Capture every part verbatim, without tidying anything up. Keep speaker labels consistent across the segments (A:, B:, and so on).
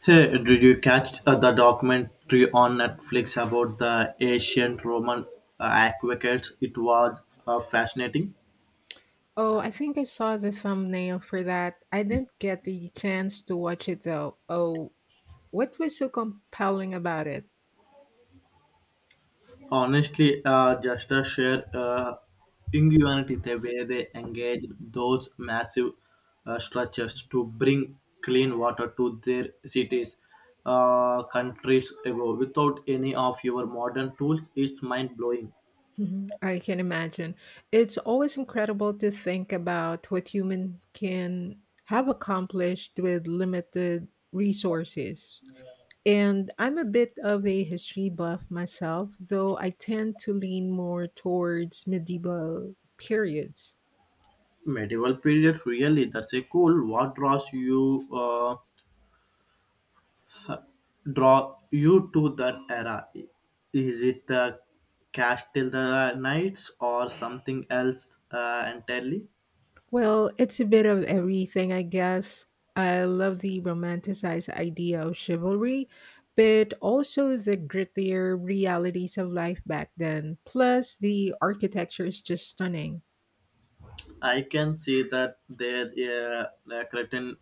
A: Hey, did you catch uh, the documentary on Netflix about the ancient Roman uh, aqueducts? It was uh, fascinating.
B: Oh, I think I saw the thumbnail for that. I didn't get the chance to watch it though. Oh, what was so compelling about it?
A: Honestly, uh, just a sheer uh, ingenuity the way they engaged those massive uh, structures to bring clean water to their cities, uh, countries ago. Without any of your modern tools, it's mind blowing.
B: Mhm, I can imagine. It's always incredible to think about what human can have accomplished with limited resources. And I'm a bit of a history buff myself, though I tend to lean more towards medieval periods.
A: Medieval period, really, that's a cool. What draws you? Uh, draw you to that era? Is it the Castle the Knights or something else uh, entirely?
B: Well, it's a bit of everything, I guess. I love the romanticized idea of chivalry, but also the grittier realities of life back then. Plus, the architecture is just stunning.
A: I can see that there uh, the curtain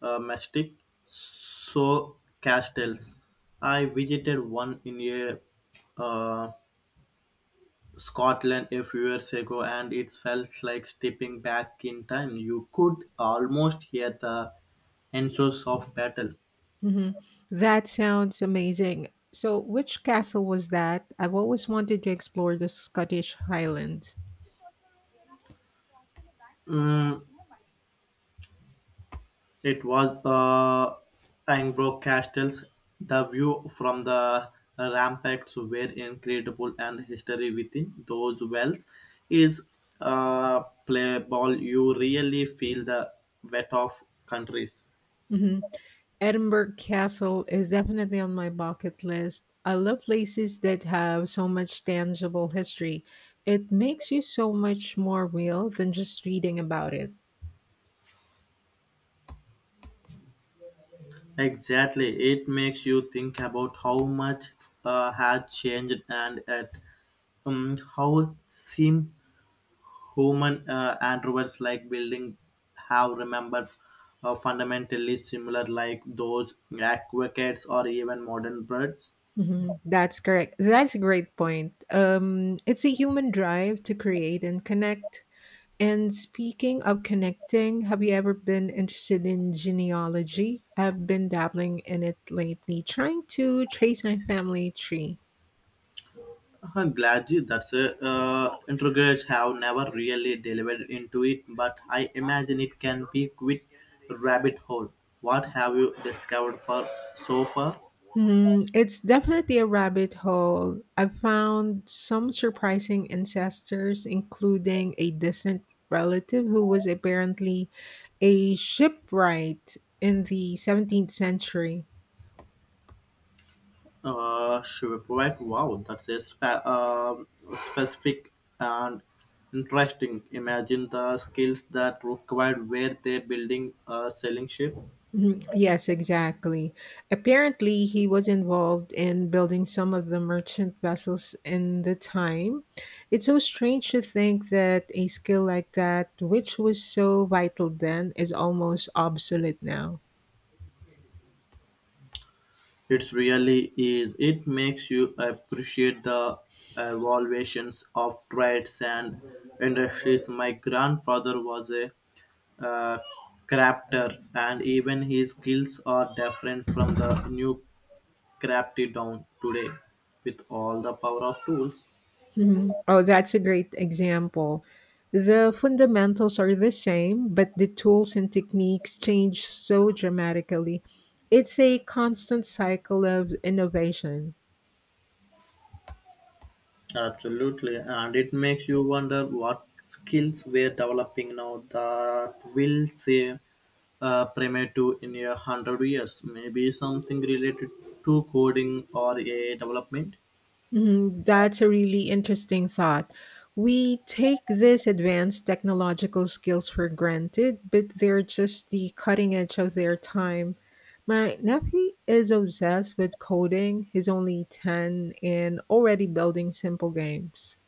A: uh, mystic so castles. I visited one in a uh, Scotland a few years ago, and it felt like stepping back in time. You could almost hear the answers of battle.
B: Hmm That sounds amazing. So, which castle was that? I've always wanted to explore the Scottish Highlands.
A: Mm, It was the Pembroke Castles. The view from the ramparts were incredible, and history within those wells is uh, playable. You really feel the weight of countries.
B: Hmm Edinburgh Castle is definitely on my bucket list. I love places that have so much tangible history. It makes you so much more real than just reading about it.
A: Exactly, it makes you think about how much uh, has changed and at um, how seem Human uh, androids like building have remembered uh, fundamentally similar like those aquacats or even modern birds.
B: Mhm. That's correct. That's a great point. Um, it's a human drive to create and connect. And speaking of connecting, have you ever been interested in genealogy? I've been dabbling in it lately, trying to trace my family tree.
A: Uh, glad you- that's a uh, integrators have never really delivered into it, but I imagine it can be quick rabbit hole. What have you discovered for so far?
B: Hmm, it's definitely a rabbit hole. I've found some surprising ancestors, including a distant relative who was apparently a shipwright in the seventeenth century.
A: Uh, shipwreck. Wow, that's a spe- um, specific and interesting. Imagine the skills that required where they're building a sailing ship.
B: Mhm. Yes, exactly. Apparently, he was involved in building some of the merchant vessels in the time. It's so strange to think that a skill like that, which was so vital then, is almost obsolete now.
A: It really is. It makes you appreciate the evaluations of trades and industries. My grandfather was a uh, crafter, and even his skills are different from the new crafty down today with all the power of tools.
B: Mhm. Oh, that's a great example. The fundamentals are the same, but the tools and techniques change so dramatically. It's a constant cycle of innovation.
A: Absolutely, and it makes you wonder what skills we're developing now that will say uh, primitive in a hundred years. Maybe something related to coding or A I development.
B: Mhm, that's a really interesting thought. We take these advanced technological skills for granted, but they're just the cutting edge of their time. My nephew is obsessed with coding. He's only ten and already building simple games.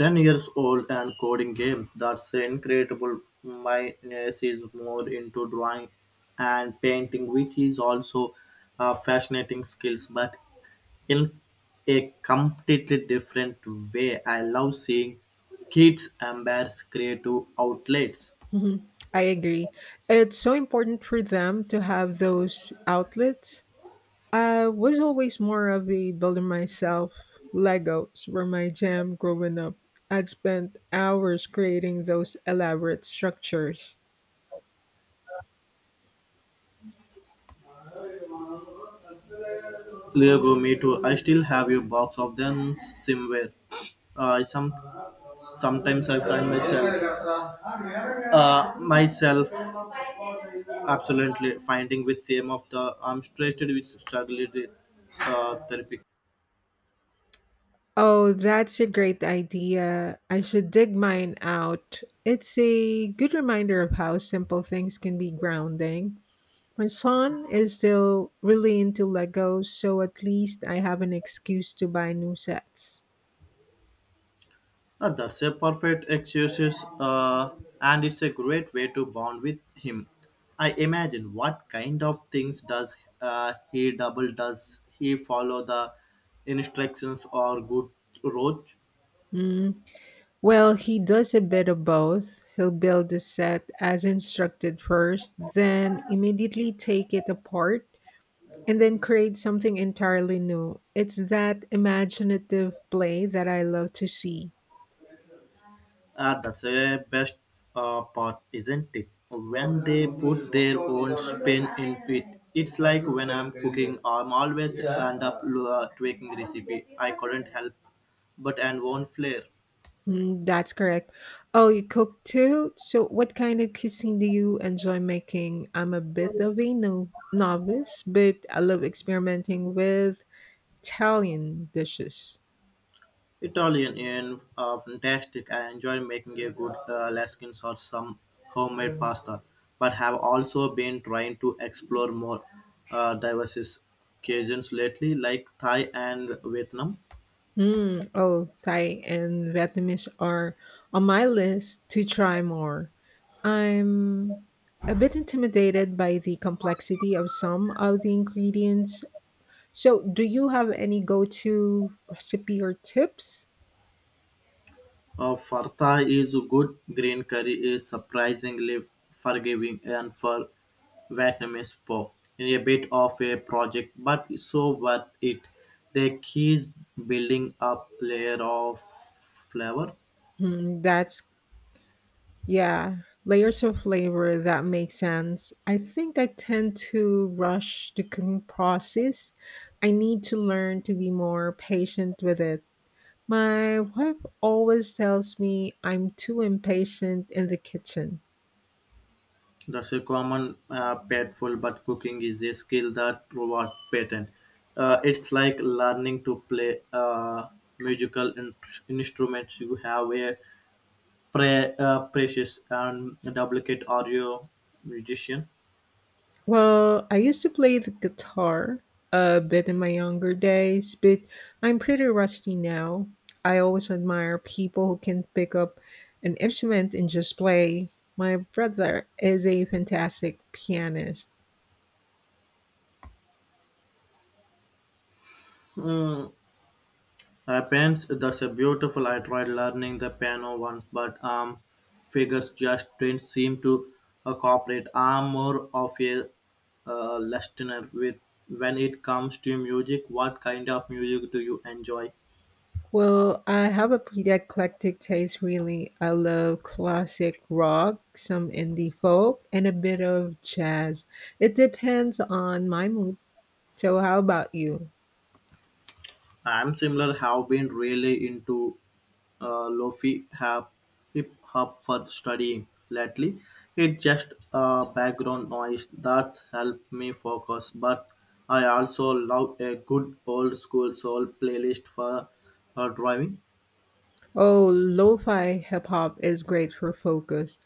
A: ten years old and coding game. That's incredible. My niece is more into drawing and painting, which is also uh, fascinating skills, but in a completely different way. I love seeing kids embrace creative outlets.
B: Mhm, I agree. It's so important for them to have those outlets. I was always more of a builder myself. Legos were my jam growing up. I'd spent hours creating those elaborate structures.
A: Lego, me too. I still have a box of them somewhere. Uh, some Sometimes I find myself uh, myself Absolutely, finding with same of the I'm straighted with struggle with, uh, therapy.
B: Oh, that's a great idea. I should dig mine out. It's a good reminder of how simple things can be grounding. My son is still really into Legos, so at least I have an excuse to buy new sets.
A: Uh, that's a perfect excuse, uh, and it's a great way to bond with him. I imagine what kind of things does uh, he double? Does he follow the instructions or good road?
B: Mm, Well, he does a bit of both. He'll build the set as instructed first, then immediately take it apart, and then create something entirely new. It's that imaginative play that I love to see.
A: Ah, that's the best uh, part, isn't it? When they put their own spin into it. It's like when I'm cooking, I'm always end up uh, tweaking recipe. I couldn't help but and one flair.
B: Mm, that's correct. Oh, you cook too? So, what kind of cuisine do you enjoy making? I'm a bit of a no- novice, but I love experimenting with Italian dishes.
A: Italian in uh, fantastic. I enjoy making a good uh, laskin or some homemade pasta, but have also been trying to explore more uh, diverse cuisines lately, like Thai and Vietnam.
B: Mm, oh, Thai and Vietnamese are on my list to try more. I'm a bit intimidated by the complexity of some of the ingredients. So, do you have any go to recipe or tips?
A: Uh, Fartha is good. Green curry is surprisingly forgiving and for Vietnamese po. A bit of a project, but so worth it. The key is building up layer of flavor.
B: Hmm, that's, yeah, layers of flavor that make sense. I think I tend to rush the cooking process. I need to learn to be more patient with it. My wife always tells me I'm too impatient in the kitchen.
A: That's a common uh, painful, but cooking is a skill that rewards patent. Uh, it's like learning to play uh, musical in- instruments. You have a Pre- uh, precious and duplicate audio musician.
B: Well, I used to play the guitar a bit in my younger days, but I'm pretty rusty now. I always admire people who can pick up an instrument and just play. My brother is a fantastic pianist.
A: Hmm. I pens. That's a beautiful. I tried learning the piano once, but um, figures just didn't seem to uh, cooperate. I'm more of a uh, listener with when it comes to music. What kind of music do you enjoy?
B: Well, I have a pretty eclectic taste, really. I love classic rock, some indie folk, and a bit of jazz. It depends on my mood. So, how about you?
A: I'm similar have been really into uh, lofi have hip hop for studying lately. It's just uh, background noise that help me focus. But I also love a good old school soul playlist for uh, driving.
B: Oh, lo-fi hip hop is great for focus.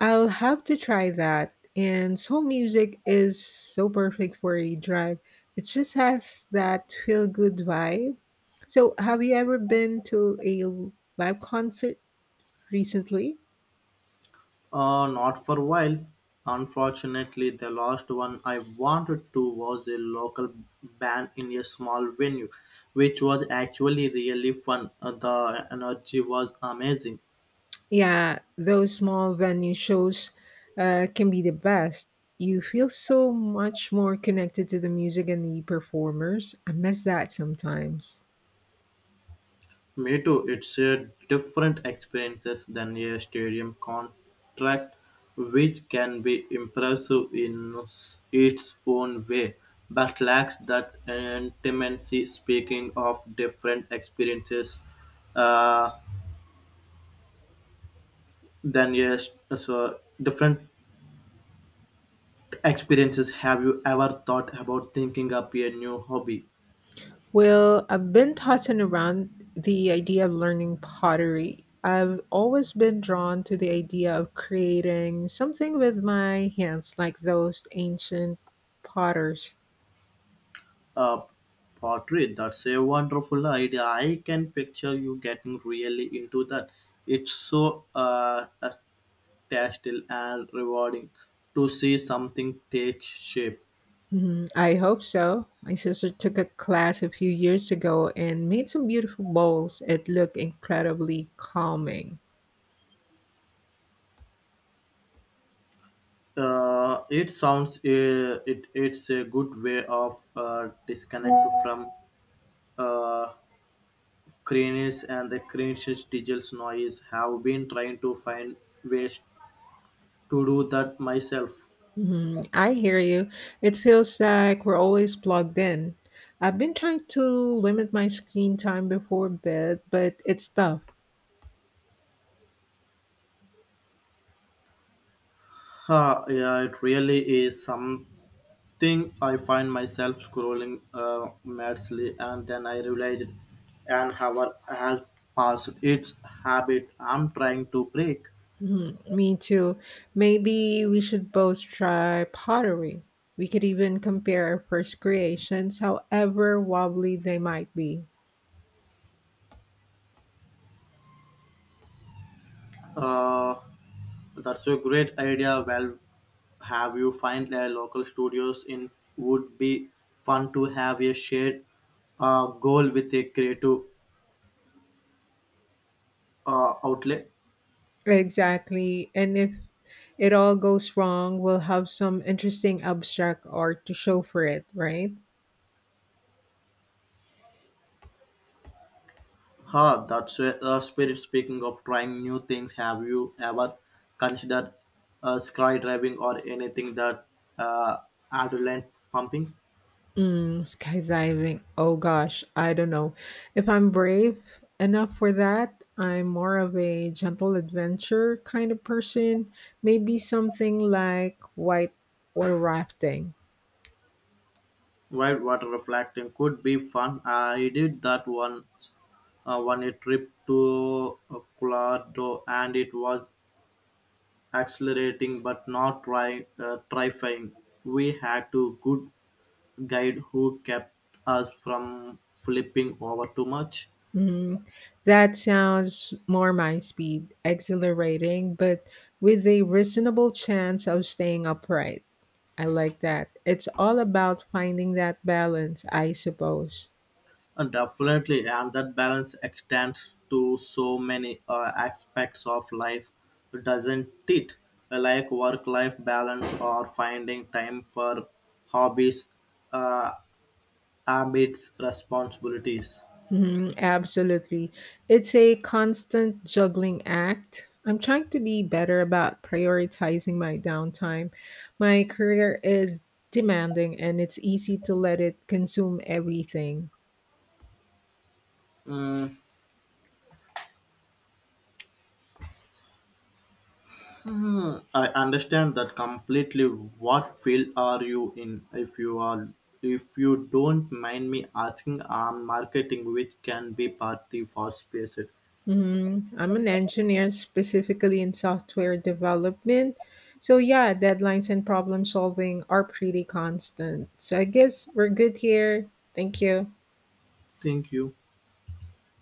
B: I'll have to try that. And soul music is so perfect for a drive. It just has that feel-good vibe. So, have you ever been to a live concert recently?
A: Uh, not for a while. Unfortunately, the last one I wanted to was a local band in a small venue, which was actually really fun. Uh, the energy was amazing.
B: Yeah, those small venue shows uh, can be the best. You feel so much more connected to the music and the performers. I miss that sometimes.
A: Me too. It's a different experiences than a stadium contract, which can be impressive in s- its own way, but lacks that intimacy. Speaking of different experiences, uh, than yes, so different experiences. Have you ever thought about thinking up a new hobby?
B: Well, I've been tossing around the idea of learning pottery. I've always been drawn to the idea of creating something with my hands, like those ancient potters.
A: A portrait. That's a wonderful idea. I can picture you getting really into that. It's so uh, tactile and rewarding to see something take shape.
B: Mhm, I hope so. My sister took a class a few years ago and made some beautiful bowls. It looked incredibly calming.
A: Uh, it sounds uh, it it's a good way of uh, disconnect from uh, cringes and the cringes digital noise. Have been trying to find ways to do that myself.
B: Mhm, I hear you. It feels like we're always plugged in. I've been trying to limit my screen time before bed, but it's tough.
A: Huh, yeah, it really is something I find myself scrolling uh, madly, and then I realized an hour has passed. It's habit I'm trying to break.
B: Mhm, me too. Maybe we should both try pottery. We could even compare our first creations, however wobbly they might be.
A: Uh, that's a great idea. Well, have you find a local studios in would be fun to have a shared uh, goal with a creative uh, outlet.
B: Exactly. And if it all goes wrong, we'll have some interesting abstract art to show for it, right?
A: Ha, that's a, a spirit. Speaking of trying new things, have you ever considered uh, skydiving or anything that uh, adrenaline pumping?
B: Mm, skydiving. Oh gosh, I don't know. If I'm brave enough for that, I'm more of a gentle adventure kind of person. Maybe something like white water rafting.
A: Wild water reflecting could be fun. I did that once uh, on a trip to uh, Colorado, and it was accelerating but not try, uh, terrifying. We had to good guide who kept us from flipping over too much.
B: Mm, that sounds more my speed, exhilarating, but with a reasonable chance of staying upright. I like that. It's all about finding that balance, I suppose.
A: And definitely, and that balance extends to so many uh, aspects of life, doesn't it? Like work life balance or finding time for hobbies, uh, habits, responsibilities.
B: Mhm, absolutely. It's a constant juggling act. I'm trying to be better about prioritizing my downtime. My career is demanding and it's easy to let it consume everything.
A: Mm, I understand that completely. What field are you in? If you are, if you don't mind me asking, I'm marketing, which can be party for space.
B: Mhm. I'm an engineer, specifically in software development. So, yeah, deadlines and problem solving are pretty constant. So, I guess we're good here. Thank you.
A: Thank you.